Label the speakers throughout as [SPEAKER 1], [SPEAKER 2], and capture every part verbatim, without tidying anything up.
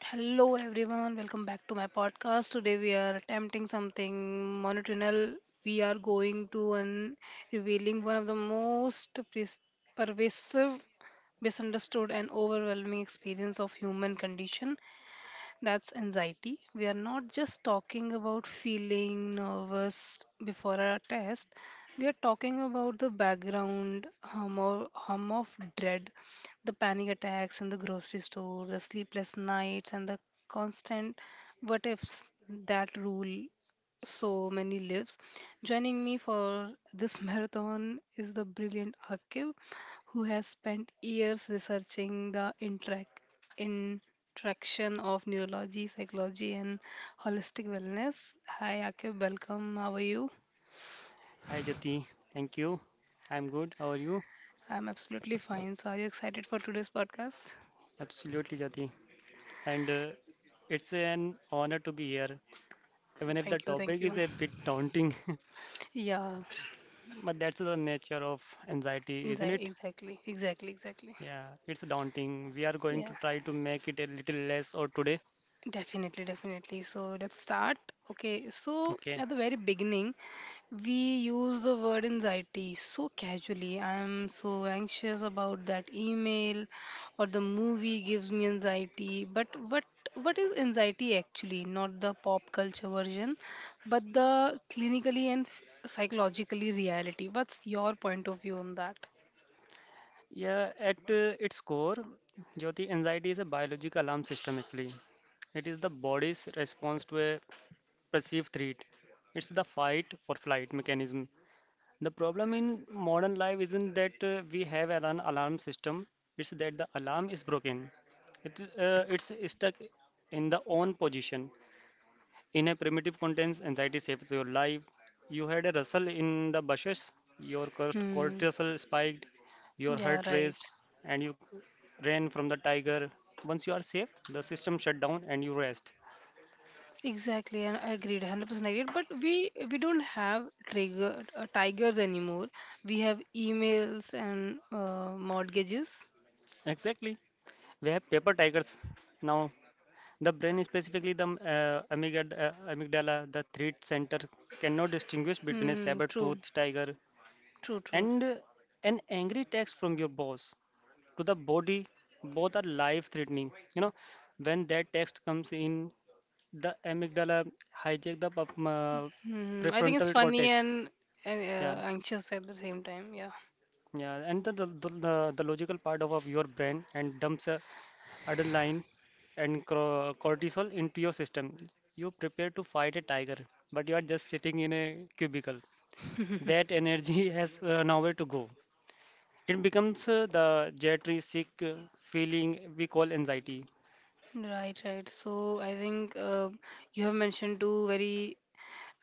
[SPEAKER 1] Hello everyone, welcome back to my podcast. Today we are attempting something monotonal. We are going to un- revealing one of the most pres- pervasive, misunderstood and overwhelming experience of human condition that's anxiety. We are not just talking about feeling nervous before a test. We are talking about the background hum of, hum of dread, the panic attacks in the grocery store, the sleepless nights, and the constant what ifs that rule so many lives. Joining me for this marathon is the brilliant Akib, who has spent years researching the interact traction of neurology, psychology, and holistic wellness. Hi, Akib, welcome. How are you?
[SPEAKER 2] Hi Jyoti, thank you. I'm good. How are you?
[SPEAKER 1] I'm absolutely fine. So, are you excited for today's podcast?
[SPEAKER 2] Absolutely, Jyoti. And uh, it's an honor to be here, even if the
[SPEAKER 1] Thank you, thank
[SPEAKER 2] topic is
[SPEAKER 1] you.
[SPEAKER 2] a bit daunting.
[SPEAKER 1] Yeah,
[SPEAKER 2] But that's the nature of anxiety, isn't
[SPEAKER 1] exactly,
[SPEAKER 2] it?
[SPEAKER 1] exactly, exactly, exactly.
[SPEAKER 2] Yeah, it's daunting. We are going
[SPEAKER 1] Yeah.
[SPEAKER 2] to try to make it a little less or today.
[SPEAKER 1] Definitely, definitely. So let's start. Okay, so
[SPEAKER 2] Okay.
[SPEAKER 1] at the very beginning, we use the word anxiety so casually. I'm so anxious about that email or the movie gives me anxiety. But what what is anxiety actually? Not the pop culture version, but the clinically and f- psychologically reality. What's your point of view on that?
[SPEAKER 2] Yeah, at uh, its core, Jyoti, anxiety is a biological alarm system actually. It is the body's response to a perceived threat. It's the fight or flight mechanism. The problem in modern life isn't that uh, we have an alarm alarm system, it's that the alarm is broken. It, uh, it's stuck in the on position. In a primitive context, anxiety saves your life. You had a rustle in the bushes, your cortis-
[SPEAKER 1] Hmm.
[SPEAKER 2] cortisol spiked, your
[SPEAKER 1] Yeah,
[SPEAKER 2] heart
[SPEAKER 1] right.
[SPEAKER 2] raced, and you ran from the tiger. Once you are safe, the system shut down and you rest.
[SPEAKER 1] Exactly, and I agreed, one hundred percent agreed. But we we don't have trigger uh, tigers anymore. We have emails and uh, mortgages.
[SPEAKER 2] Exactly. We have paper tigers now. The brain, specifically the uh, amygd- uh, amygdala, the threat center, cannot distinguish between a
[SPEAKER 1] Hmm.
[SPEAKER 2] saber
[SPEAKER 1] True.
[SPEAKER 2] tooth tiger
[SPEAKER 1] True. True.
[SPEAKER 2] and uh, an angry text from your boss. To the body, both are life threatening. You know, when that text comes in, the amygdala hijack the pup- uh,
[SPEAKER 1] Hmm. I think it's
[SPEAKER 2] prefrontal
[SPEAKER 1] funny
[SPEAKER 2] cortex.
[SPEAKER 1] and, and
[SPEAKER 2] Yeah,
[SPEAKER 1] uh, anxious at the same time. Yeah.
[SPEAKER 2] yeah, and the, the, the, the logical part of, of your brain and dumps a adrenaline, and cor- cortisol into your system. You prepare to fight a tiger, but you are just sitting in a cubicle. That energy has uh, nowhere to go. It becomes uh, the jittery, sick uh, feeling we call anxiety.
[SPEAKER 1] Right, right. So I think uh, you have mentioned two very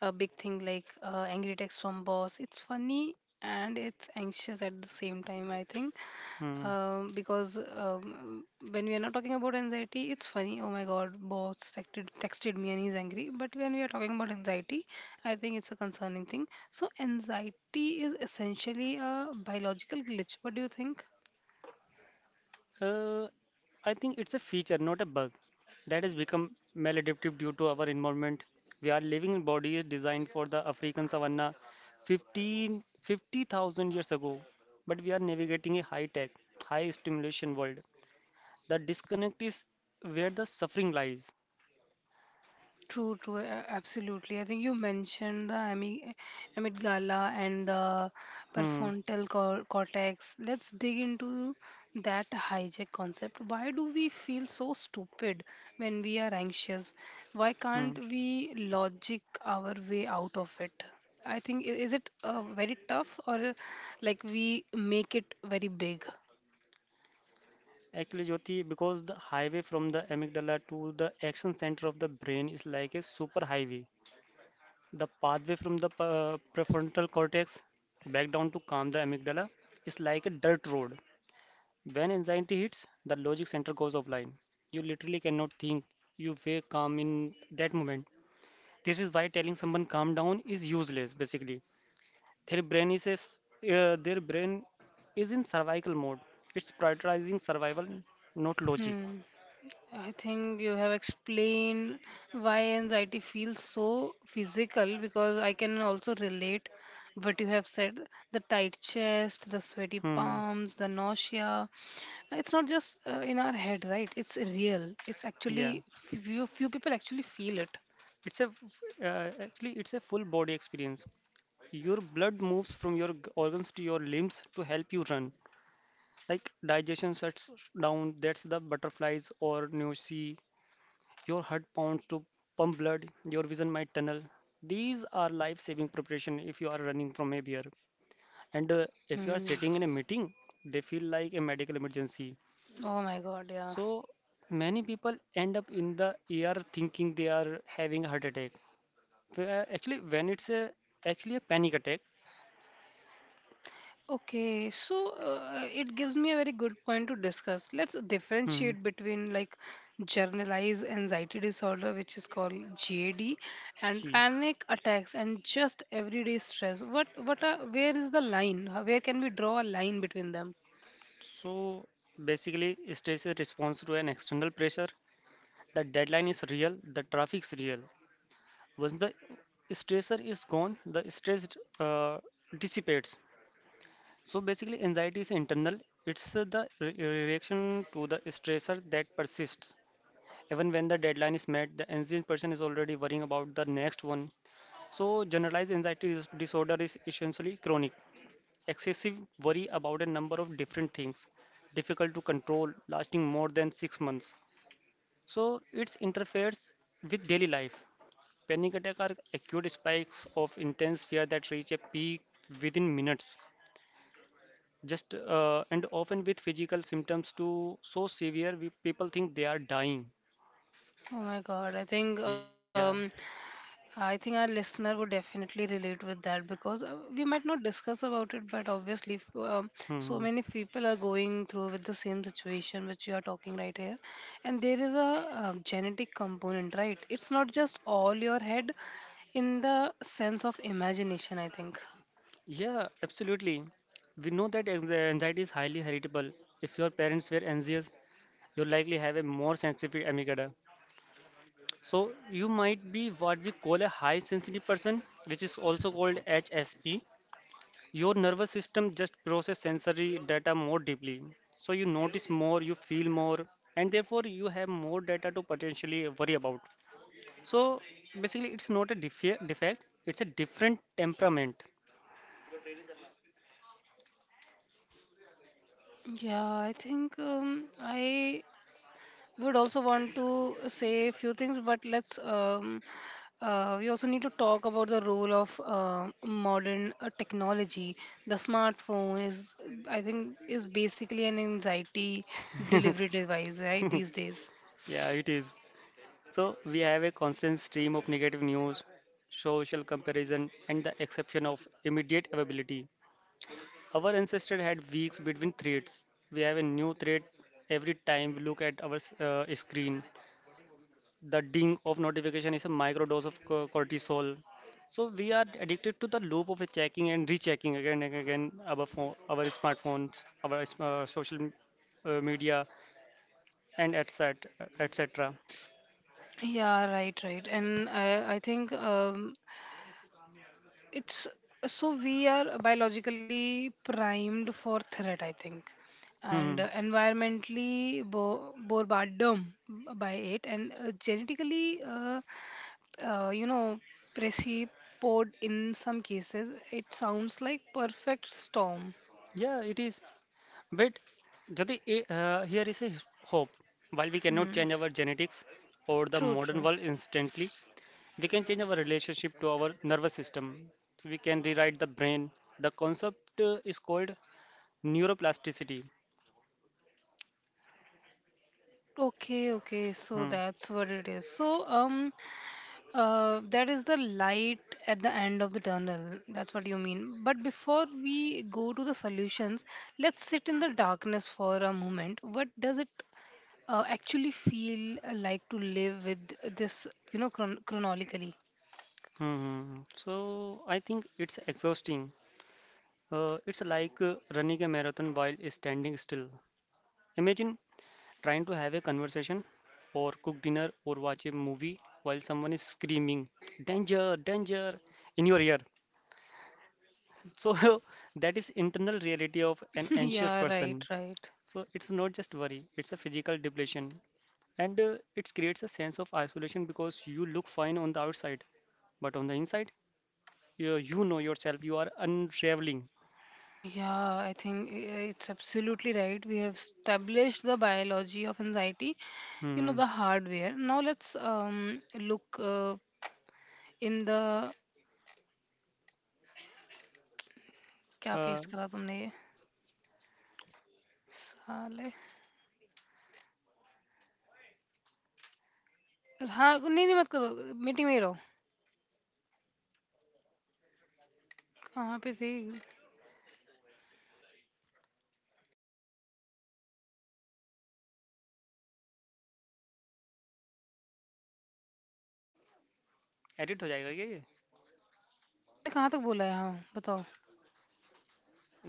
[SPEAKER 1] uh, big thing like uh, angry text from boss. It's funny and it's anxious at the same time, I think.
[SPEAKER 2] Mm.
[SPEAKER 1] Um, because um, when we are not talking about anxiety, it's funny. Oh my God, boss texted, texted me and he's angry. But when we are talking about anxiety, I think it's a concerning thing. So anxiety is essentially a biological glitch. What do you think?
[SPEAKER 2] Uh, I think it's a feature, not a bug, that has become maladaptive due to our environment. We are living in bodies designed for the African savanna fifteen fifty thousand years ago, but we are navigating a high tech, high stimulation world. The disconnect is where the suffering lies.
[SPEAKER 1] True, true, a- absolutely. I think you mentioned the ami- amygdala and the
[SPEAKER 2] Hmm.
[SPEAKER 1] prefrontal cor- cortex. Let's dig into that hijack concept. Why do we feel so stupid when we are anxious? Why
[SPEAKER 2] Hmm.
[SPEAKER 1] can't we logic our way out of it? I think i- is it uh, very tough or uh, like we make it very big?
[SPEAKER 2] Actually, Jyoti, because the highway from the amygdala to the action center of the brain is like a super highway. The pathway from the uh, prefrontal cortex back down to calm the amygdala is like a dirt road. When anxiety hits, the logic center goes offline. You literally cannot think. You feel calm in that moment. This is why telling someone calm down is useless. Basically, their brain is a s uh, their brain is in survival mode. It's prioritizing survival, not logic.
[SPEAKER 1] Hmm. I think you have explained why anxiety feels so physical because I can also relate what you have said the tight chest, the sweaty
[SPEAKER 2] Hmm.
[SPEAKER 1] palms, the nausea. It's not just uh, in our head, right? It's real. It's
[SPEAKER 2] Yeah.
[SPEAKER 1] actually, few, few people actually feel it.
[SPEAKER 2] It's a f- uh, actually it's a full body experience. Your blood moves from your g- organs to your limbs to help you run. Like digestion shuts down, that's the butterflies or nausea. Your heart pounds to pump blood, your vision might tunnel. These are life saving preparation if you are running from a bear. And uh, If you are
[SPEAKER 1] Hmm.
[SPEAKER 2] sitting in a meeting, they feel like a medical emergency.
[SPEAKER 1] Oh my god, yeah.
[SPEAKER 2] So many people end up in the E R thinking they are having a heart attack. Where- Actually, when it's a, Actually a panic attack.
[SPEAKER 1] Okay, so uh, it gives me a very good point to discuss. Let's
[SPEAKER 2] Hmm.
[SPEAKER 1] differentiate between like generalized anxiety disorder, which is called G A D, and
[SPEAKER 2] Gee.
[SPEAKER 1] panic attacks and just everyday stress. What, what are, where is the line? How- Where can we draw a line between them?
[SPEAKER 2] So basically, stress is response to an external pressure. The deadline is real. The traffic is real. Once the stressor is gone, the stress uh, dissipates. So basically, anxiety is internal. It's uh, the re- reaction to the stressor that persists. Even when the deadline is met, the anxious person is already worrying about the next one. So generalized anxiety dis- disorder is essentially chronic. Excessive worry about a number of different things, difficult to control, lasting more than six months. So it interferes with daily life. Panic attacks are acute spikes of intense fear that reach a peak within minutes. Just uh, And often with physical symptoms too so severe, we, people think they are dying.
[SPEAKER 1] Oh my God, I think
[SPEAKER 2] Yeah.
[SPEAKER 1] um, I think our listener would definitely relate with that because uh, we might not discuss about it, but obviously, if, um, so
[SPEAKER 2] Hmm.
[SPEAKER 1] many people are going through with the same situation which you are talking right here, and there is a uh, genetic component, right? It's not just all your head, in the sense of imagination. I think.
[SPEAKER 2] Yeah, absolutely. We know that anx- anxiety is highly heritable. If your parents were anxious, you likely have a more sensitive amygdala. So you might be what we call a high sensitive person, which is also called H S P. Your nervous system just process sensory data more deeply. So you notice more, you feel more, and therefore you have more data to potentially worry about. So basically, it's not a defe- defect, it's a different temperament.
[SPEAKER 1] Yeah, I think um, I would also want to say a few things, but let's. Um, uh, we also need to talk about the role of uh, modern uh, technology. The smartphone is, I think, is basically an anxiety delivery device, right? These days.
[SPEAKER 2] Yeah, it is. So we have a constant stream of negative news, social comparison, and the exception of immediate availability. Our ancestors had weeks between threads. We have a new thread every time we look at our uh, screen. The ding of notification is a microdose of co- cortisol. So we are addicted to the loop of checking and rechecking again and again our phone, our smartphones, our uh, social m- uh, media, and et cetera et cetera.
[SPEAKER 1] Yeah, right, right. And I, I think um, it's so we are biologically primed for threat I think and
[SPEAKER 2] Hmm.
[SPEAKER 1] uh, environmentally bo- bombarded by it and uh, genetically uh, uh, you know precipod in some cases it sounds like perfect storm.
[SPEAKER 2] Yeah, it is. But Jyoti, eh, uh, here is a his- hope. While we cannot
[SPEAKER 1] Hmm.
[SPEAKER 2] change our genetics or the
[SPEAKER 1] True,
[SPEAKER 2] modern
[SPEAKER 1] true.
[SPEAKER 2] world instantly, they can change our relationship to our nervous system. We can rewrite the brain. The concept uh, is called neuroplasticity.
[SPEAKER 1] Okay, okay. So
[SPEAKER 2] Hmm.
[SPEAKER 1] that's what it is. So um, uh, that is the light at the end of the tunnel. That's what you mean. But before we go to the solutions, let's sit in the darkness for a moment. What does it uh, actually feel like to live with this, you know, chron- chronologically?
[SPEAKER 2] Hmm. hmm, hmm. So I think it's exhausting. Uh, it's like uh, running a marathon while standing still. Imagine trying to have a conversation or cook dinner or watch a movie while someone is screaming danger danger in your ear so that is internal reality of an anxious
[SPEAKER 1] Yeah, right,
[SPEAKER 2] person.
[SPEAKER 1] right.
[SPEAKER 2] So it's not just worry, it's a physical depletion. And uh, It creates a sense of isolation because you look fine on the outside, but on the inside, you, you know yourself, you are unraveling.
[SPEAKER 1] Yeah, I think i- it's absolutely right. We have established the biology of anxiety, you know,
[SPEAKER 2] hmm,
[SPEAKER 1] the hardware. Now let's um look uh, in the क्या
[SPEAKER 2] Uh,
[SPEAKER 1] paste करा तुमने ये? साले। हाँ, नहीं नहीं मत करो। मीटिंग में ही रहो। कहाँ पे थी?
[SPEAKER 2] edit हो जाएगा क्या ये
[SPEAKER 1] तुमने कहाँ तक बोला है? हाँ बताओ।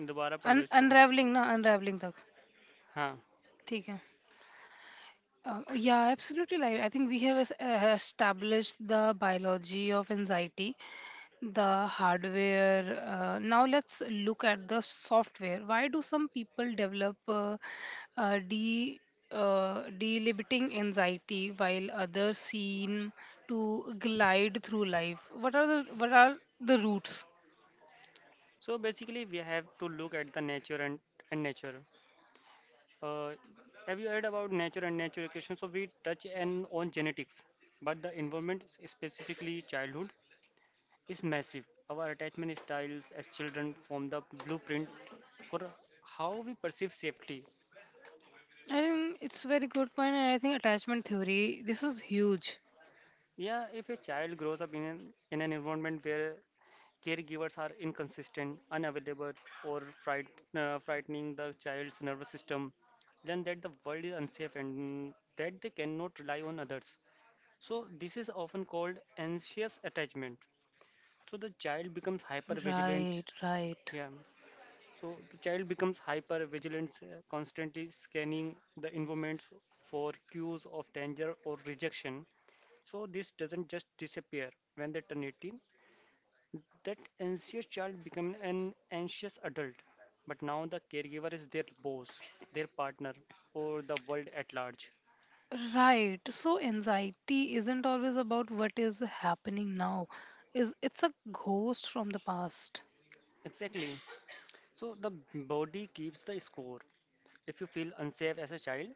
[SPEAKER 2] दोबारा पढ़
[SPEAKER 1] अन
[SPEAKER 2] दो इसको
[SPEAKER 1] अनरेवलिंग? ना, अनरेवलिंग तक।
[SPEAKER 2] हाँ
[SPEAKER 1] ठीक है। Uh, yeah, absolutely. Like, I think we have es- uh, established the biology of anxiety, the hardware. Uh, now let's look at the software. Why do some people develop uh, uh, de uh, delimiting anxiety while others seem to glide through life? What are the what are the roots?
[SPEAKER 2] So basically we have to look at the nature and and nature have you heard about nature and nature education so we touch and on genetics but the environment specifically childhood is massive. Our attachment styles as children form the blueprint for how we perceive safety.
[SPEAKER 1] I think it's very good point, and I think attachment theory. This is huge.
[SPEAKER 2] Yeah, if a child grows up in an, in an environment where caregivers are inconsistent, unavailable, or fright, uh, frightening the child's nervous system, then that the world is unsafe and that they cannot rely on others. So, this is often called anxious attachment. So, the child becomes hyper
[SPEAKER 1] Right,
[SPEAKER 2] vigilant.
[SPEAKER 1] right.
[SPEAKER 2] Yeah, so the child becomes hyper vigilant, constantly scanning the environment for cues of danger or rejection. So this doesn't just disappear when they turn eighteen. That anxious child becomes an anxious adult, but now the caregiver is their boss, their partner, or the world at large.
[SPEAKER 1] Right. So anxiety isn't always about what is happening now. Is it's a ghost from the past.
[SPEAKER 2] Exactly. So the body keeps the score. If you feel unsafe as a child,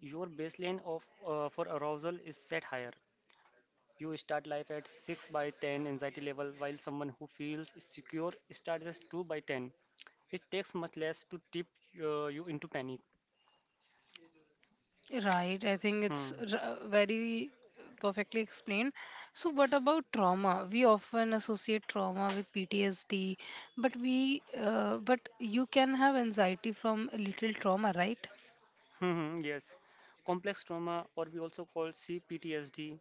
[SPEAKER 2] your baseline of uh, for arousal is set higher. You start life at six by ten anxiety level, while someone who feels secure starts at two by ten. It takes much less to tip uh, you into panic.
[SPEAKER 1] Right. I think it's
[SPEAKER 2] Hmm.
[SPEAKER 1] r- uh, very perfectly explained. So what about trauma? We often associate trauma with P T S D, but we uh, but you can have anxiety from a little trauma, right?
[SPEAKER 2] Hmm, hmm, yes. Complex trauma, or we also call C P T S D.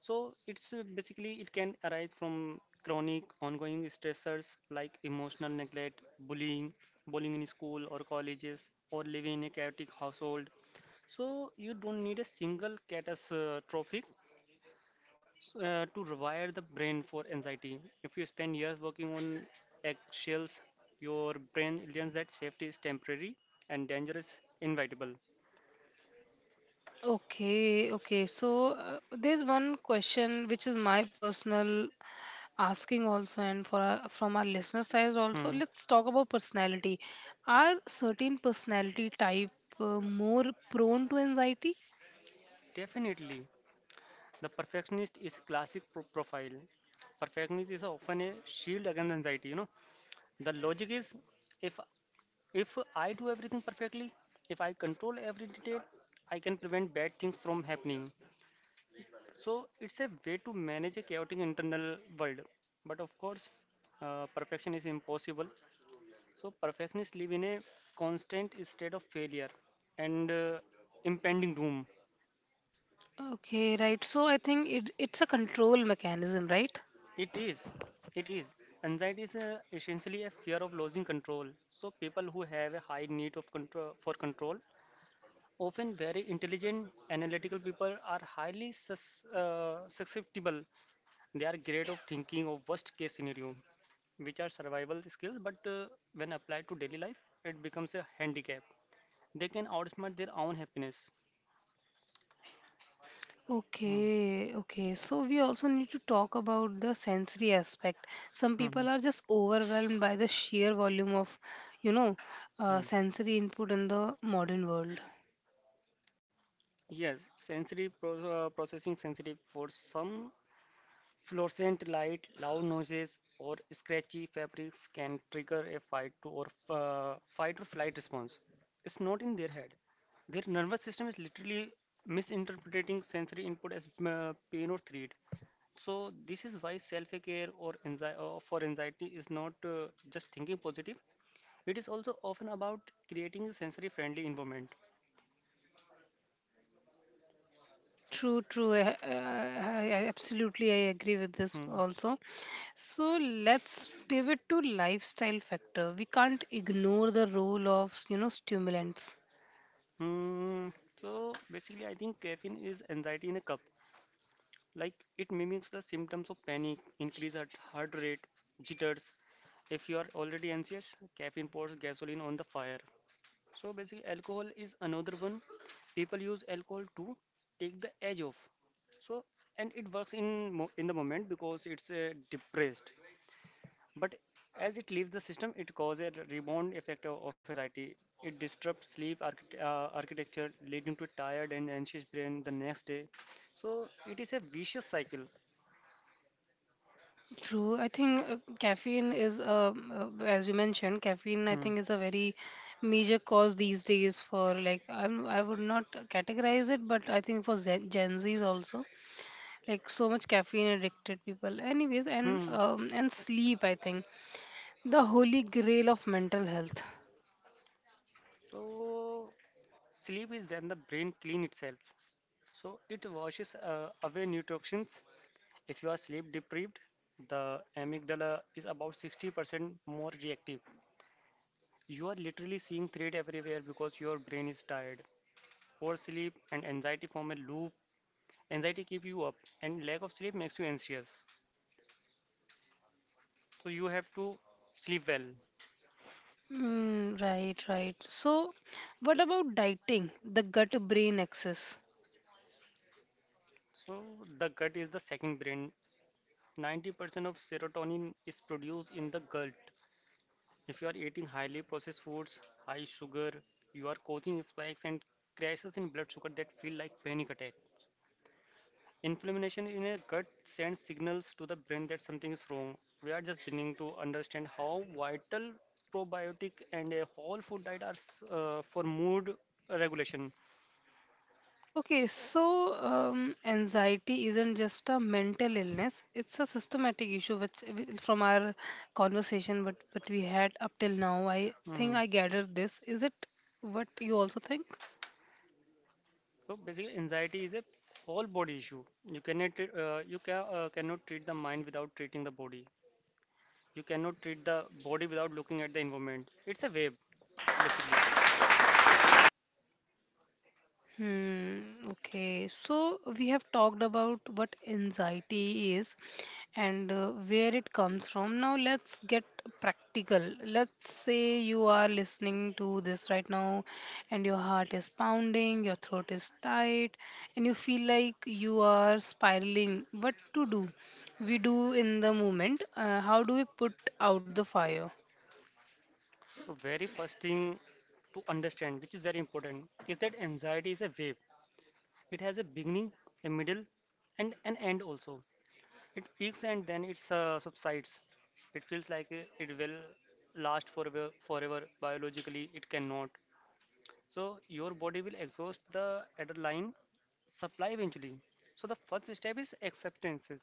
[SPEAKER 2] So it's uh, basically it can arise from chronic ongoing stressors like emotional neglect, bullying, bullying in school or colleges, or living in a chaotic household. So you don't need a single catastrophic uh, to rewire the brain for anxiety. If you spend years working on eggshells, your brain learns that safety is temporary and danger is inevitable.
[SPEAKER 1] Okay, okay. So uh, there's one question which is my personal asking also, and for our, from our listener side also.
[SPEAKER 2] Hmm.
[SPEAKER 1] Let's talk about personality. Are certain personality type uh, more prone to anxiety?
[SPEAKER 2] Definitely, the perfectionist is classic pro- profile. Perfectionist is often a shield against anxiety. You know, the logic is if if I do everything perfectly, if I control every detail, I can prevent bad things from happening. So it's a way to manage a chaotic internal world. But of course, uh, perfection is impossible. So perfectionists live in a constant state of failure and uh, impending doom.
[SPEAKER 1] Okay, right. So I think it, it's a control mechanism, right?
[SPEAKER 2] It is. It is. Anxiety is uh, essentially a fear of losing control. So people who have a high need of control for control, often very intelligent, analytical people, are highly sus- uh, susceptible. They are great of thinking of worst case scenario, which are survival skills, but uh, when applied to daily life, it becomes a handicap. They can outsmart their own happiness. Hmm.
[SPEAKER 1] Okay, okay. So we also need to talk about the sensory aspect. Some
[SPEAKER 2] Hmm. Hmm.
[SPEAKER 1] people are just overwhelmed by the sheer volume of, you know, uh,
[SPEAKER 2] hmm.
[SPEAKER 1] sensory input in the modern world.
[SPEAKER 2] Yes, sensory pro- uh, processing sensitive for some fluorescent light, loud noises, or scratchy fabrics can trigger a fight to or uh, fight or flight response. It's not in their head. Their nervous system is literally misinterpreting sensory input as uh, pain or threat. So this is why self-care or anxi- uh, for anxiety is not uh, just thinking positive. It is also often about creating a sensory-friendly environment.
[SPEAKER 1] True, true. I, I, I absolutely I agree with this
[SPEAKER 2] Mm.
[SPEAKER 1] also. So let's pivot to lifestyle factor. We can't ignore the role of, you know, stimulants.
[SPEAKER 2] Mm. So basically, I think caffeine is anxiety in a cup. Like it mimics the symptoms of panic, increase at heart rate, jitters. If you are already anxious, caffeine pours gasoline on the fire. So basically, alcohol is another one. People use alcohol to take the edge off. So and it works in mo- in the moment because it's uh, depressed. But as it leaves the system, it causes a rebound effect of of anxiety. It disrupts sleep archit uh, architecture, leading to a tired and anxious brain the next day. So it is a vicious cycle.
[SPEAKER 1] True. I think uh, caffeine is, um, uh, as you mentioned, caffeine. I
[SPEAKER 2] Hmm.
[SPEAKER 1] think is a very major cause these days for like I'm, I would not categorize it, but I think for Gen, Gen Zs also, like so much caffeine addicted people. Anyways, and
[SPEAKER 2] Hmm.
[SPEAKER 1] um, and sleep. I think the holy grail of mental health.
[SPEAKER 2] So sleep is when the brain clean itself. So it washes uh, away neurotoxins. If you are sleep deprived, the amygdala is about sixty percent more reactive. You are literally seeing threat everywhere because your brain is tired. Poor sleep and anxiety form a loop. Anxiety keep you up, and lack of sleep makes you anxious. So you have to sleep well.
[SPEAKER 1] Mm, right, right. So, what about dieting? The gut brain axis.
[SPEAKER 2] So the gut is the second brain. ninety percent of serotonin is produced in the gut. If you are eating highly processed foods, high sugar, you are causing spikes and crashes in blood sugar that feel like panic attack. Inflammation in a gut sends signals to the brain that something is wrong. We are just beginning to understand how vital probiotic and a whole food diet are s- uh, for mood regulation.
[SPEAKER 1] Okay, so um, anxiety isn't just a mental illness; it's a systematic issue. Which, which from our conversation, what what we had up till now, I think
[SPEAKER 2] Mhm.
[SPEAKER 1] I gathered this. Is it what you also think?
[SPEAKER 2] So basically, anxiety is a whole body issue. You cannot uh, you can, uh, cannot treat the mind without treating the body. You cannot treat the body without looking at the environment. It's a wave, basically.
[SPEAKER 1] Hmm, okay, so we have talked about what anxiety is and uh, where it comes from. Now, let's get practical. Let's say you are listening to this right now, and your heart is pounding, your throat is tight, and you feel like you are spiraling. What to do? We do in the moment. Uh, how do we put out the fire?
[SPEAKER 2] So very first thing to understand, which is very important, is that anxiety is a wave. It has a beginning, a middle, and an end also. It peaks and then it uh, subsides. It feels like uh, it will last forever, forever. Biologically, it cannot. So your body will exhaust the adrenaline supply eventually. So the first step is acceptances.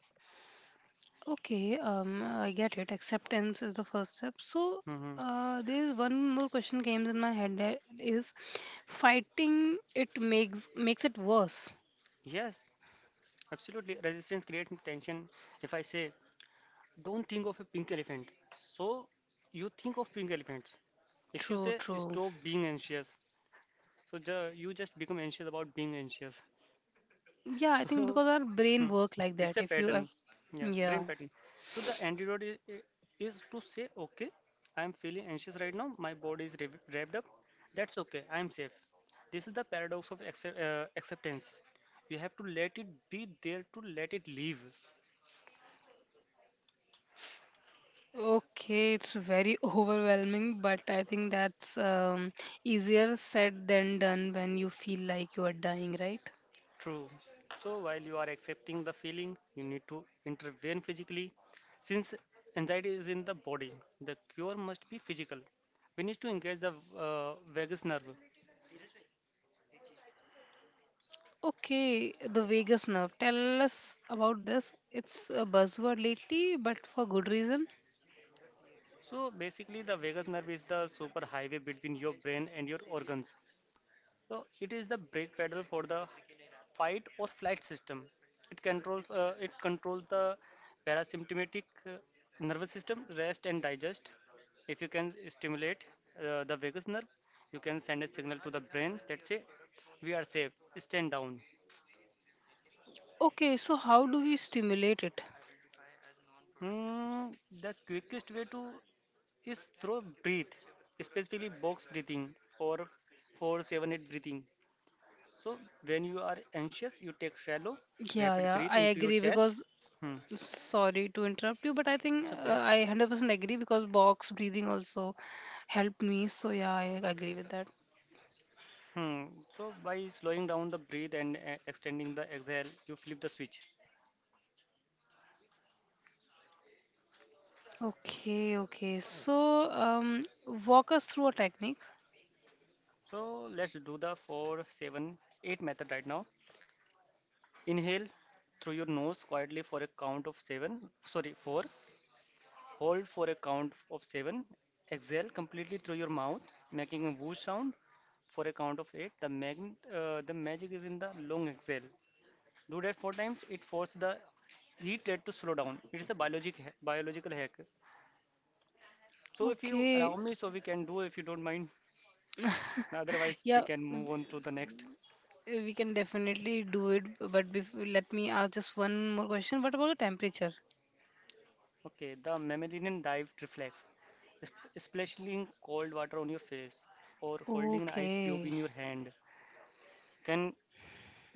[SPEAKER 1] Okay, um, I get it. Acceptance is the first step. So,
[SPEAKER 2] Hmm.
[SPEAKER 1] uh, there is one more question came in my head. That is, fighting it makes makes it worse.
[SPEAKER 2] Yes, absolutely. Resistance creates tension. If I say, don't think of a pink elephant, so you think of pink elephants. If you
[SPEAKER 1] True,
[SPEAKER 2] say,
[SPEAKER 1] true.
[SPEAKER 2] stop being anxious, so ju- you just become anxious about being anxious.
[SPEAKER 1] Yeah, I think
[SPEAKER 2] So
[SPEAKER 1] because our brain
[SPEAKER 2] mm,
[SPEAKER 1] work like
[SPEAKER 2] it's
[SPEAKER 1] that.
[SPEAKER 2] a
[SPEAKER 1] If you have,
[SPEAKER 2] pattern, yeah, brain
[SPEAKER 1] yeah.
[SPEAKER 2] pattern. So the antidote is, is to say, okay, I'm feeling anxious right now. My body is rev- revved up. That's okay. I'm safe. This is the paradox of accept, uh, acceptance. You have to let it be there to let it leave.
[SPEAKER 1] Okay, it's very overwhelming, but I think that's um, easier said than done when you feel like you are dying, right?
[SPEAKER 2] True. So while you are accepting the feeling, you need to intervene physically. Since anxiety is in the body, the cure must be physical. We need to engage the uh, vagus nerve.
[SPEAKER 1] Okay, the vagus nerve. Tell us about this. It's a buzzword lately, but for good reason.
[SPEAKER 2] So basically, the vagus nerve is the super highway between your brain and your organs. So it is the brake pedal for the fight or flight system. It controls uh, it controls the parasympathetic uh, nervous system, rest and digest. If you can stimulate uh, the vagus nerve, you can send a signal to the brain that say we are safe, stand down.
[SPEAKER 1] Okay, so how do we stimulate it?
[SPEAKER 2] Hmm, the quickest way to is through breathe, especially box breathing or four seven eight breathing. So when you are anxious, you take shallow,
[SPEAKER 1] Yeah,
[SPEAKER 2] rapid
[SPEAKER 1] yeah, I
[SPEAKER 2] breath in your
[SPEAKER 1] agree
[SPEAKER 2] chest.
[SPEAKER 1] because
[SPEAKER 2] Hmm.
[SPEAKER 1] sorry to interrupt you, but I think
[SPEAKER 2] It's okay.
[SPEAKER 1] uh, I one hundred percent agree because box breathing also helped me. So yeah, I agree with that.
[SPEAKER 2] Hmm. So by slowing down the breath and uh, extending the exhale, you flip the switch.
[SPEAKER 1] Okay, okay. So um, walk us through a technique.
[SPEAKER 2] So let's do the four, seven, eight method right now. Inhale through your nose quietly for a count of seven. Sorry, four. Hold for a count of seven. Exhale completely through your mouth, making a whoosh sound for a count of eight. The mag- uh, the magic is in the long exhale. Do that four times. It forced the heat rate to slow down. It's a biologic ha- biological hack. So if you
[SPEAKER 1] Okay,
[SPEAKER 2] allow me, so we can do if you don't mind. Now, otherwise we
[SPEAKER 1] yeah,
[SPEAKER 2] can move on to the next.
[SPEAKER 1] we can definitely do it, but before, let me ask just one more question. What about the temperature?
[SPEAKER 2] Okay, the mammalian dive reflex, esp- splashing cold water on your face or holding an ice cube
[SPEAKER 1] Okay.
[SPEAKER 2] in your hand, then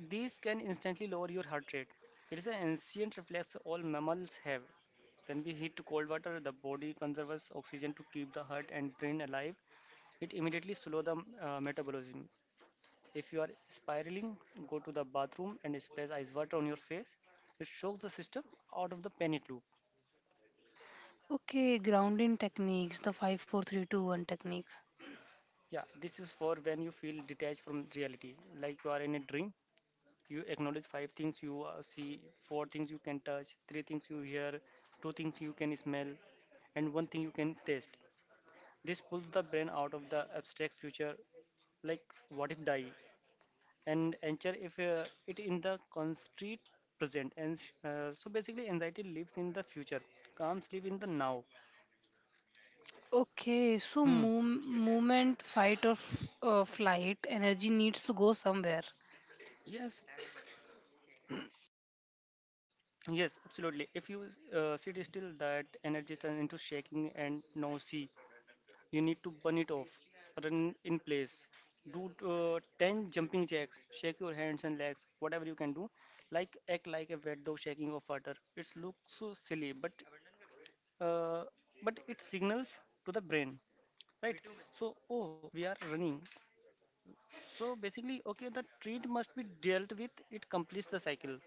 [SPEAKER 2] these can instantly lower your heart rate. It is an ancient reflex all mammals have. When we heat cold water, the body conserves oxygen to keep the heart and brain alive. It immediately slow the uh, metabolism. If you are spiraling, go to the bathroom and splash ice water on your face. It shocks the system out of the panic loop.
[SPEAKER 1] Okay, grounding techniques, the five, four, three, two, one technique.
[SPEAKER 2] Yeah, this is for when you feel detached from reality, like you are in a dream. You acknowledge five things you uh, see, four things you can touch, three things you hear, two things you can smell, and one thing you can taste. This pulls the brain out of the abstract future, like what if die, and anchor if uh, it in the concrete present, and uh, so basically anxiety lives in the future. Calm live in the now.
[SPEAKER 1] Okay, so
[SPEAKER 2] Hmm.
[SPEAKER 1] move, movement, fight or f- uh, flight, energy needs to go somewhere.
[SPEAKER 2] Yes, yes, absolutely. If you uh, sit still, that energy turns into shaking and nausea. You need to burn it off. Run in place, do uh, ten jumping jacks, shake your hands and legs, whatever you can do, like act like a wet dog shaking of water. It looks so silly, but uh, but it signals to the brain, right? So oh, we are running. So basically okay, the treat must be dealt with. It completes the cycle.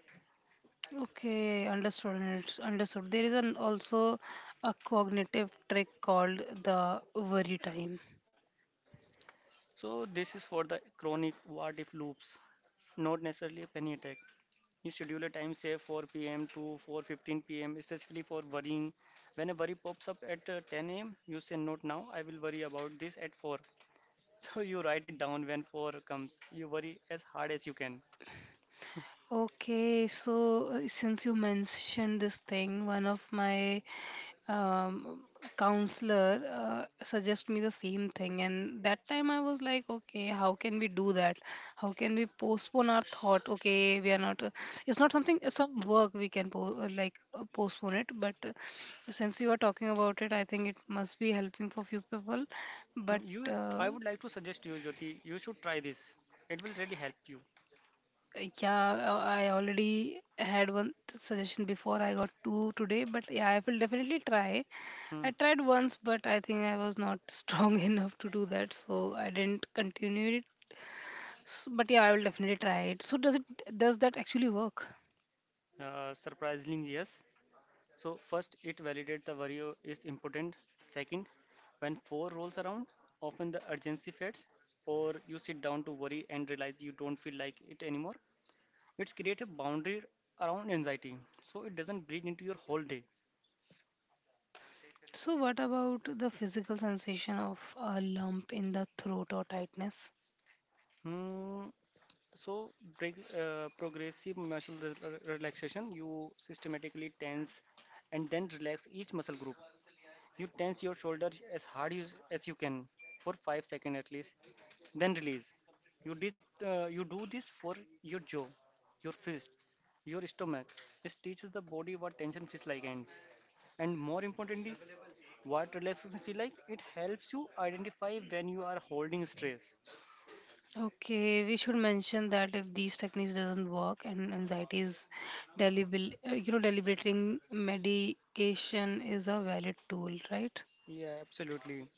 [SPEAKER 1] Okay, understood. And It's understood. There is an also a cognitive trick called the worry time.
[SPEAKER 2] So this is for the chronic what if loops, not necessarily a penny attack. You schedule a time, say four p.m to four fifteen p m, especially for worrying. When a worry pops up at uh, ten a.m, you say not now, I will worry about this at four. So you write it down. When four comes, you worry as hard as you can.
[SPEAKER 1] Okay, so uh, since you mentioned this thing, one of my um, counselor uh, suggest me the same thing, and that time I was like, okay, how can we do that? How can we postpone our thought? Okay, we are not uh, it's not something, it's some work we can po- uh, like uh, postpone it. But uh, since you are talking about it, I think it must be helping for few people.
[SPEAKER 2] Hmm.
[SPEAKER 1] But
[SPEAKER 2] You,
[SPEAKER 1] uh,
[SPEAKER 2] I would like to suggest you Jyoti, you should try this. It will really help you.
[SPEAKER 1] yeah, uh, I already had one suggestion before I got two today, but yeah, I will definitely try. I
[SPEAKER 2] Hmm.
[SPEAKER 1] tried once, but I think I was not strong enough to do that, so I didn't continue it. S but yeah, I will definitely try it. So does it does that actually work?
[SPEAKER 2] Uh, surprisingly, yes. So first, it validates the worry o- is important. Second, when four rolls around, often the urgency fades, or you sit down to worry and realize you don't feel like it anymore. It's create a boundary around anxiety, so it doesn't bleed into your whole day.
[SPEAKER 1] So what about the physical sensation of a lump in the throat or tightness?
[SPEAKER 2] Hmm. So break, uh, progressive muscle re- re- relaxation. You systematically tense and then relax each muscle group. You tense your shoulder as hard you, as you can for five seconds at least, then release. You did uh, you do this for your jaw, your fists, your stomach. It teaches the body what tension feels like, and and more importantly, what relaxation feel like. It helps you identify when you are holding stress.
[SPEAKER 1] Okay, we should mention that if these techniques doesn't work and anxiety is delibil- uh, you know deliberating, medication is a valid tool, right?
[SPEAKER 2] Yeah, absolutely.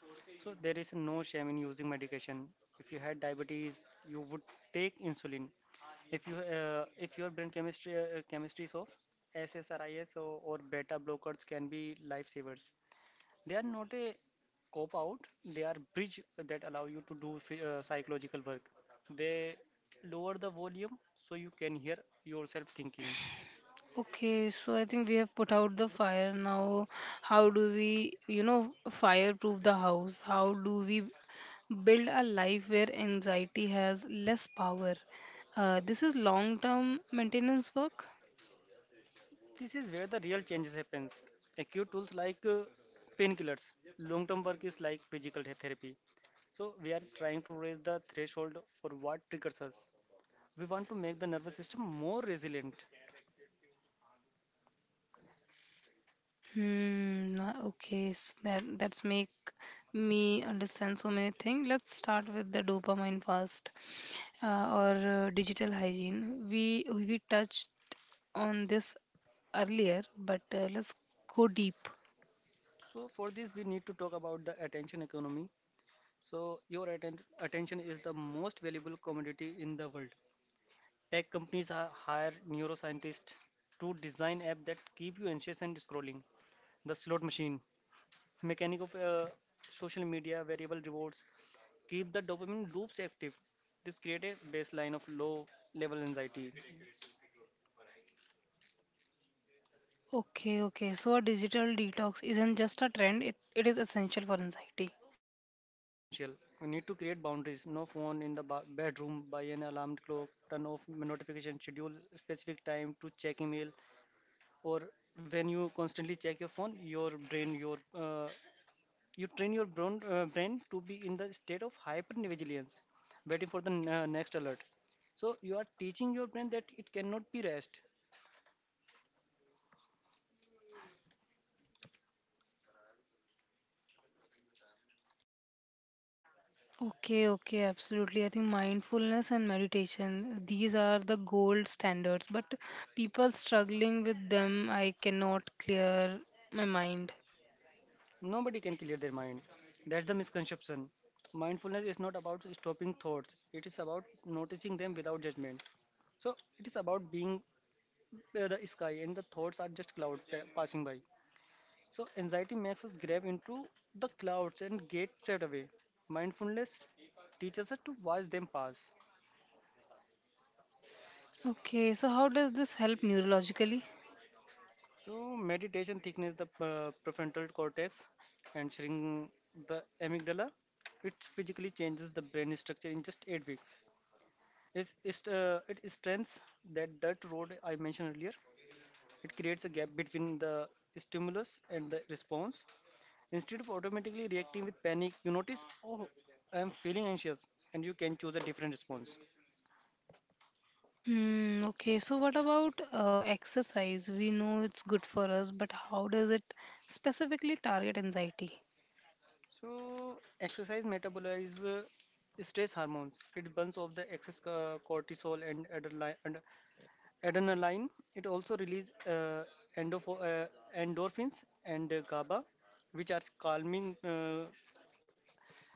[SPEAKER 2] So there is no shame in using medication. If you had diabetes, you would take insulin. If you uh, if your brain chemistry uh, chemistry is off, S S R Is or, or beta blockers can be lifesavers. They are not a cop out. They are bridge that allow you to do phy- uh, psychological work. They lower the volume so you can hear yourself thinking.
[SPEAKER 1] Okay, so I think we have put out the fire now. How do we, you know, fireproof the house? How do we build a life where anxiety has less power? Uh, this is long-term maintenance work.
[SPEAKER 2] This is where the real changes happens. Acute tools like uh, painkillers, long term work is like physical the- therapy. So we are trying to raise the threshold for what triggers us. We want to make the nervous system more resilient.
[SPEAKER 1] Hmm. na- Okay, s that that's make me understand so many things. Let's start with the dopamine first, uh, or uh, digital hygiene. We we touched on this earlier, but uh, let's go deep.
[SPEAKER 2] So for this, we need to talk about the attention economy. So your atten- attention is the most valuable commodity in the world. Tech companies are hire neuroscientists to design apps that keep you anxious and scrolling. The slot machine, mechanic of uh, social media, variable rewards, keep the dopamine loops active. This create a baseline of low level anxiety.
[SPEAKER 1] Okay, okay. So a digital detox isn't just a trend, it, it is essential for anxiety.
[SPEAKER 2] It is essential. We need to create boundaries. No phone in the ba- bedroom. Buy an alarm clock. Turn off notification. Schedule specific time to check email. Or when you constantly check your phone, your brain, your uh, you train your brain, uh, brain to be in the state of hyper vigilance, waiting for the n- uh, next alert. So you are teaching your brain that it cannot be rest.
[SPEAKER 1] Okay, okay, absolutely. I think mindfulness and meditation, these are the gold standards, but people struggling with them, I cannot clear my mind.
[SPEAKER 2] Nobody can clear their mind. That's the misconception. Mindfulness is not about stopping thoughts, it is about noticing them without judgment. So it is about being uh, the sky, and the thoughts are just cloud pa- passing by. So anxiety makes us grab into the clouds and get straight away. Mindfulness teaches us to watch them pass.
[SPEAKER 1] Okay, so how does this help neurologically?
[SPEAKER 2] So meditation thickens the uh, prefrontal cortex and shrink the amygdala. It physically changes the brain structure in just eight weeks. It's, it's, uh, it strengthens that dirt road I mentioned earlier. It creates a gap between the stimulus and the response. Instead of automatically reacting with panic, you notice, oh, I am feeling anxious, and you can choose a different response.
[SPEAKER 1] Hmm, okay, so what about uh, exercise? We know it's good for us, but how does it specifically target anxiety?
[SPEAKER 2] So exercise metabolizes uh, stress hormones. It burns off the excess uh, cortisol and adrenaline. And adrenaline. It also releases uh, endorph- uh, endorphins and uh, GABA, which are calming uh,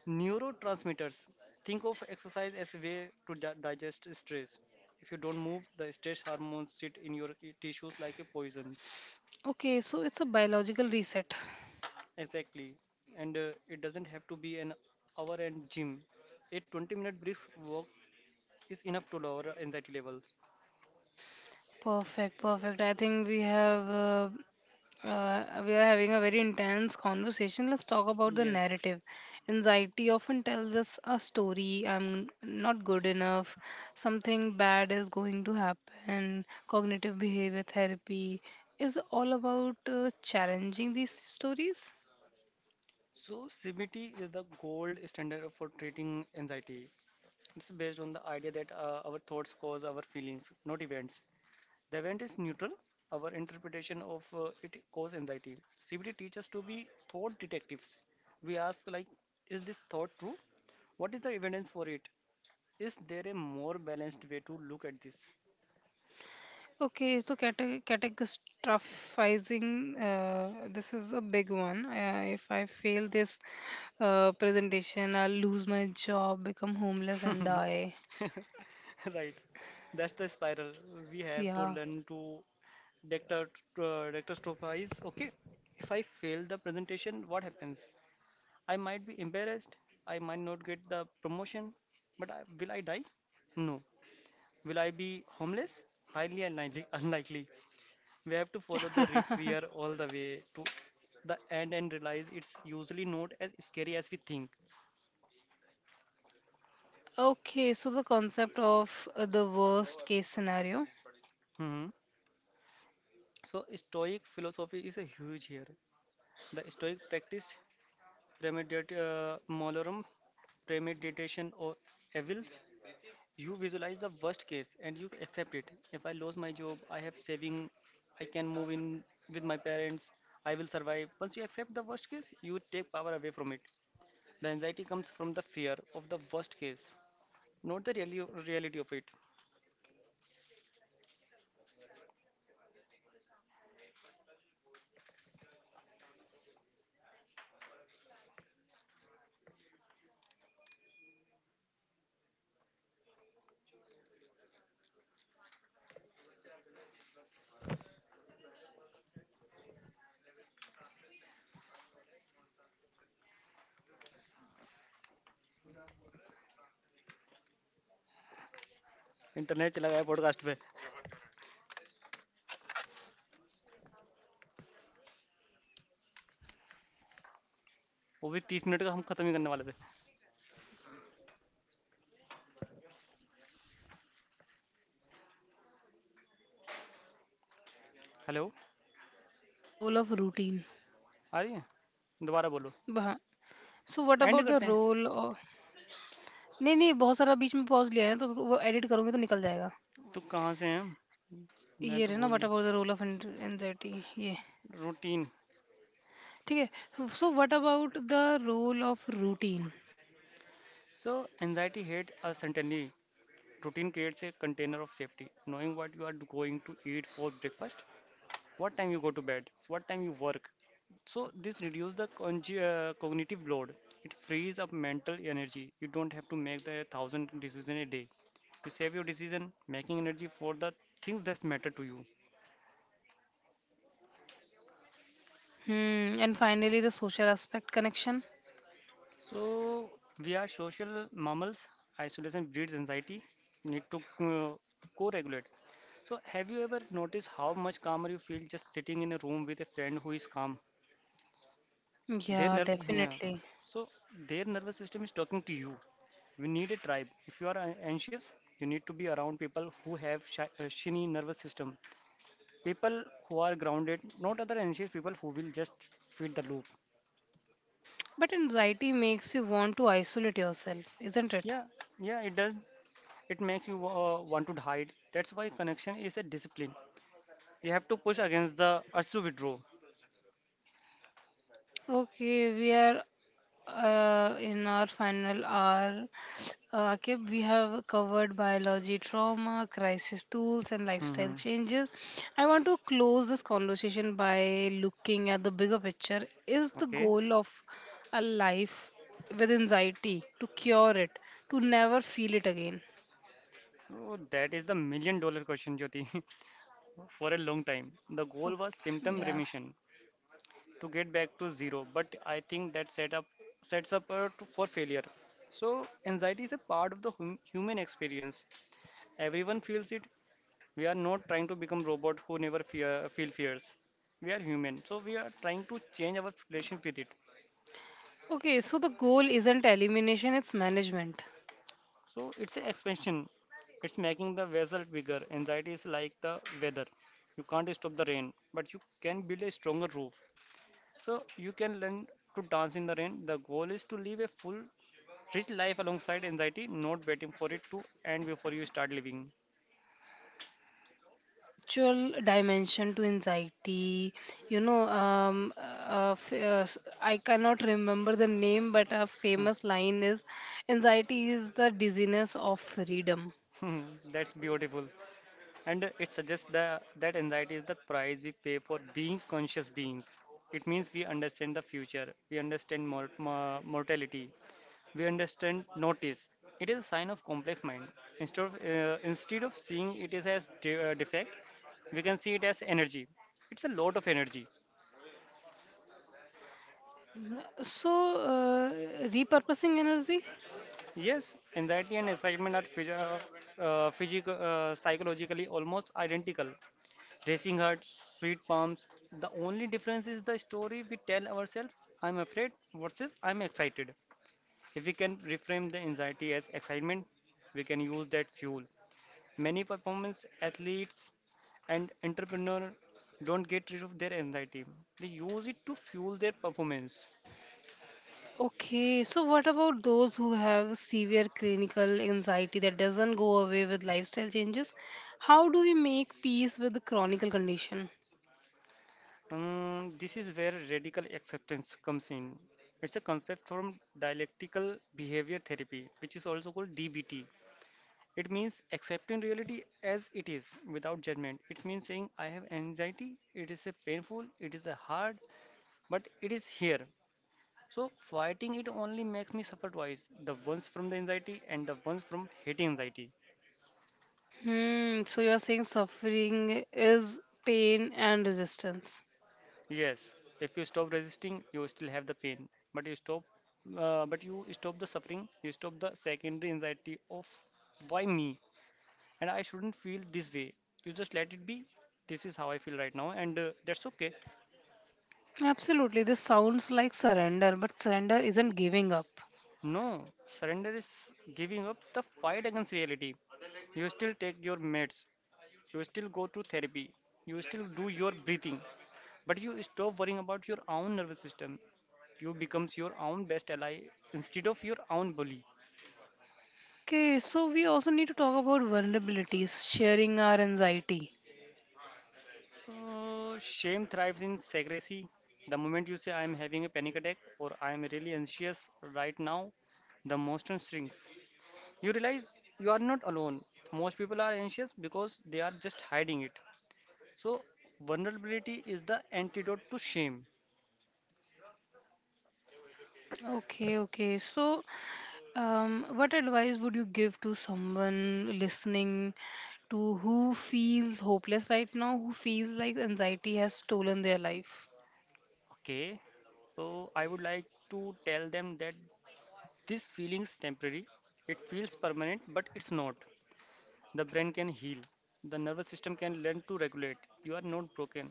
[SPEAKER 2] neurotransmitters. Think of exercise as a way to di- digest stress. If you don't move, the stress hormones sit in your i- tissues like a poison.
[SPEAKER 1] Okay, so it's a biological reset.
[SPEAKER 2] Exactly. And uh, it doesn't have to be an hour and gym. A twenty minute brisk walk is enough to lower anxiety levels.
[SPEAKER 1] Perfect, perfect. I think we have uh, uh, we are having a very intense conversation. Let's talk about the
[SPEAKER 2] Yes.
[SPEAKER 1] narrative. Anxiety often tells us a story. I'm not good enough. Something bad is going to happen. Cognitive behavior therapy is all about uh, challenging these stories.
[SPEAKER 2] So C B T is the gold standard for treating anxiety. It's based on the idea that uh, our thoughts cause our feelings, not events. The event is neutral. Our interpretation of uh, it causes anxiety. C B T teaches us to be thought detectives. We ask like, is this thought true? What is the evidence for it? Is there a more balanced way to look at this?
[SPEAKER 1] Okay, so cate- catastrophizing, uh, this is a big one. Uh, if I fail this uh, presentation, I'll lose my job, become homeless, and die.
[SPEAKER 2] Right. That's the spiral. We have to
[SPEAKER 1] Yeah.
[SPEAKER 2] learn to dictat- uh, dictatostrophize. Okay. If I fail the presentation, what happens? I might be embarrassed. I might not get the promotion. But I, will I die? No. Will I be homeless? Highly unlikely. Unlikely. We have to follow the re- fear all the way to the end and realize it's usually not as scary as we think.
[SPEAKER 1] Okay, so the concept of uh, the worst case scenario.
[SPEAKER 2] Hmm. So, Stoic philosophy is a huge here. The Stoic practiced premedit- uh, malorum, premeditation, or evils. You visualize the worst case and you accept it. If I lose my job, I have saving, I can move in with my parents, I will survive. Once you accept the worst case, you take power away from it. The anxiety comes from the fear of the worst case, not the reali- reality of it. Internet चला गया podcast पे वो भी तीस minute का हम खत्म ही करने वाले थे। Hello.
[SPEAKER 1] So what about the role of routine?
[SPEAKER 2] आ रही है। दोबारा बोलो।
[SPEAKER 1] वहाँ- So what
[SPEAKER 2] and
[SPEAKER 1] about the
[SPEAKER 2] करते हैं।
[SPEAKER 1] role of... नहीं नहीं बहुत सारा बीच में पॉज लिया है तो वो एडिट करूंगी तो निकल जाएगा.
[SPEAKER 2] तो कहाँ से हैं हम? मैं
[SPEAKER 1] ये
[SPEAKER 2] तो
[SPEAKER 1] रहे ना
[SPEAKER 2] भूल
[SPEAKER 1] व्हाट
[SPEAKER 2] ही
[SPEAKER 1] about the role of anxiety. ये
[SPEAKER 2] रूटीन।
[SPEAKER 1] ठीक है. So what about the role of routine?
[SPEAKER 2] So anxiety hate a suddenly routine creates a container of safety knowing what you are going to eat for breakfast. What time you go to bed, what time you work. So this reduces the conge- uh, cognitive load. It frees up mental energy. You don't have to make the thousand decision a day. You save your decision making energy for the things that matter to you.
[SPEAKER 1] Hmm, and finally the social aspect connection.
[SPEAKER 2] So we are social mammals. Isolation breeds anxiety. You need to uh, co-regulate. So have you ever noticed how much calmer you feel just sitting in a room with a friend who is calm? Their
[SPEAKER 1] Yeah,
[SPEAKER 2] nerve, yeah.
[SPEAKER 1] definitely.
[SPEAKER 2] So their nervous system is talking to you. We need a tribe. If you are an- anxious, you need to be around people who have shi- uh, shiny nervous system. People who are grounded, not other anxious people who will just feed the loop.
[SPEAKER 1] But anxiety makes you want to isolate yourself, isn't it?
[SPEAKER 2] Yeah, yeah, it does. It makes you uh, want to hide. That's why connection is a discipline. You have to push against the urge to withdraw.
[SPEAKER 1] Okay, we are uh, in our final hour, uh, Akib, we have covered biology, trauma, crisis tools, and lifestyle
[SPEAKER 2] Hmm.
[SPEAKER 1] changes. I want to close this conversation by looking at the bigger picture. Is the
[SPEAKER 2] Okay.
[SPEAKER 1] goal of a life with anxiety to cure it, to never feel it again?
[SPEAKER 2] So that is the million dollar question, Jyoti. For a long time, the goal was
[SPEAKER 1] Okay,
[SPEAKER 2] symptom
[SPEAKER 1] yeah.
[SPEAKER 2] remission. To get back to zero, but I think that setup sets up uh, to, for failure. So anxiety is a part of the hum- human experience. Everyone feels it. We are not trying to become robot who never fear feel fears. We are human, so we are trying to change our relationship with it.
[SPEAKER 1] Okay, so the goal isn't elimination, it's management.
[SPEAKER 2] So it's an expansion. It's making the vessel bigger. Anxiety is like the weather. You can't stop the rain, but you can build a stronger roof. So you can learn to dance in the rain. The goal is to live a full rich life alongside anxiety, not waiting for it to end before you start living.
[SPEAKER 1] There is a spiritual dimension to anxiety, you know. um, uh, f- uh, s- I cannot remember the name, but a famous line is, anxiety is the dizziness of freedom.
[SPEAKER 2] Hmm, that's beautiful. And it suggests the, that anxiety is the price we pay for being conscious beings. It means we understand the future, we understand mor- mo- mortality, we understand notice. It is a sign of complex mind. Instead of, uh, instead of seeing it is as de- uh, defect, we can see it as energy. It's a lot of energy.
[SPEAKER 1] So uh, repurposing energy.
[SPEAKER 2] Yes, anxiety and excitement are physio- uh, physical, uh, psychologically almost identical. Racing hearts, sweet palms. The only difference is the story we tell ourselves, I'm afraid versus I'm excited. If we can reframe the anxiety as excitement, we can use that fuel. Many performance athletes and entrepreneurs don't get rid of their anxiety, they use it to fuel their performance.
[SPEAKER 1] Okay, so what about those who have severe clinical anxiety that doesn't go away with lifestyle changes? How do we make peace with the chronic condition?
[SPEAKER 2] Um, this is where radical acceptance comes in. It's a concept from dialectical behavior therapy, which is also called D B T. It means accepting reality as it is without judgment. It means saying, I have anxiety, it is a painful, it is a hard, but it is here. So, fighting it only makes me suffer twice, the ones from the anxiety and the ones from hating anxiety.
[SPEAKER 1] Hmm, so you're saying suffering is pain and resistance.
[SPEAKER 2] Yes, if you stop resisting, you still have the pain, but you stop, uh, but you stop the suffering. You stop the secondary anxiety of why me, and I shouldn't feel this way. You just let it be. This is how I feel right now, and uh, that's okay.
[SPEAKER 1] Absolutely, this sounds like surrender, but surrender isn't giving up.
[SPEAKER 2] No, surrender is giving up the fight against reality. You still take your meds. You still go to therapy. You still do your breathing, but you stop worrying about your own nervous system. You becomes your own best ally instead of your own bully.
[SPEAKER 1] Okay, so we also need to talk about vulnerabilities, sharing our anxiety.
[SPEAKER 2] So, shame thrives in secrecy. The moment you say, I am having a panic attack or I am really anxious right now, the monster shrinks. You realize you are not alone. Most people are anxious because they are just hiding it. So, vulnerability is the antidote to shame.
[SPEAKER 1] Okay, okay. So, um, what advice would you give to someone listening to who feels hopeless right now, who feels like anxiety has stolen their life?
[SPEAKER 2] Okay, so I would like to tell them that this feeling is temporary. It feels permanent, but it's not. The brain can heal. The nervous system can learn to regulate. You are not broken.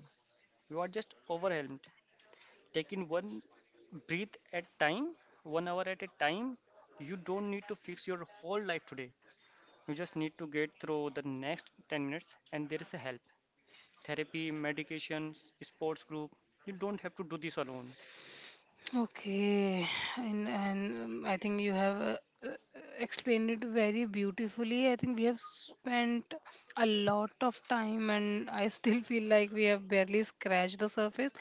[SPEAKER 2] We are just overwhelmed. Taking one breath at time, one hour at a time. You don't need to fix your whole life today. You just need to get through the next ten minutes, and there is a help. Therapy, medications, sports group. You don't have to do this alone.
[SPEAKER 1] Okay, and and um, I think you have uh, uh, explained it very beautifully. I think we have spent a lot of time, and I still feel like we have barely scratched the surface,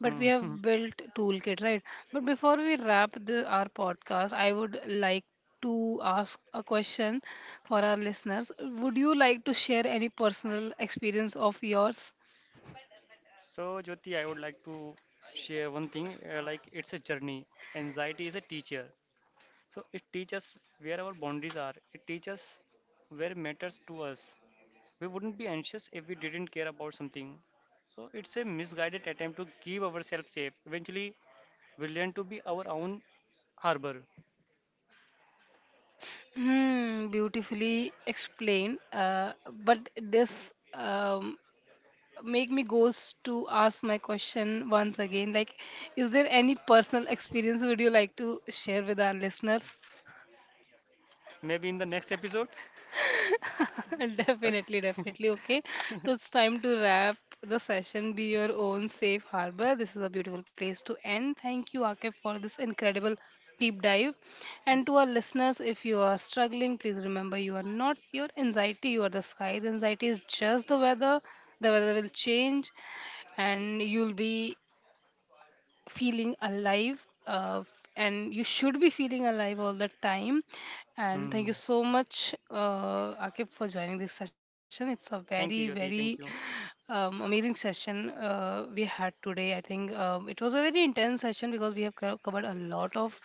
[SPEAKER 1] but we
[SPEAKER 2] Hmm.
[SPEAKER 1] have built toolkit, right? But before we wrap the, our podcast, I would like to ask a question for our listeners. Would you like to share any personal experience of yours?
[SPEAKER 2] So, Jyoti, I would like to share one thing uh, like it's a journey. Anxiety is a teacher. So, it teaches where our boundaries are, it teaches where matters to us. We wouldn't be anxious if we didn't care about something. So it's a misguided attempt to keep ourselves safe. Eventually, we learn to be our own harbor.
[SPEAKER 1] Hmm, beautifully explained. Uh, but this um, make me goes to ask my question once again. Like, is there any personal experience would you like to share with our listeners?
[SPEAKER 2] Maybe in the next episode.
[SPEAKER 1] Definitely, definitely. Okay. So it's time to wrap the session. Be your own safe harbor. This is a beautiful place to end. Thank you, Akif, for this incredible deep dive. And to our listeners, if you are struggling, please remember you are not your anxiety, you are the sky. The anxiety is just the weather. The weather will change and you'll be feeling alive, uh, and you should be feeling alive all the time. And thank
[SPEAKER 2] Hmm.
[SPEAKER 1] you so much, uh, akib, for joining this session. It's a
[SPEAKER 2] Thank
[SPEAKER 1] very
[SPEAKER 2] you, Jyoti. Thank
[SPEAKER 1] very
[SPEAKER 2] you.
[SPEAKER 1] um, amazing session uh, we had today. I think um, it was a very intense session because we have co- covered a lot of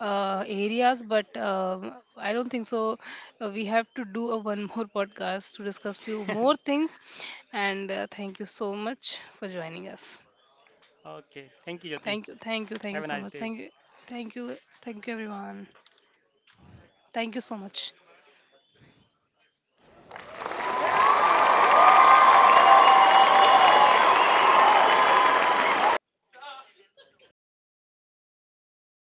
[SPEAKER 1] uh, areas, but um I don't think so uh, we have to do a one more podcast to discuss few more things. And uh, thank you so much for joining us.
[SPEAKER 2] Okay. Thank you, Jyoti.
[SPEAKER 1] Thank you, thank you, thank
[SPEAKER 2] Have
[SPEAKER 1] you
[SPEAKER 2] a
[SPEAKER 1] so
[SPEAKER 2] nice
[SPEAKER 1] much.
[SPEAKER 2] day.
[SPEAKER 1] Thank you, thank you, thank you, everyone. Thank you so much.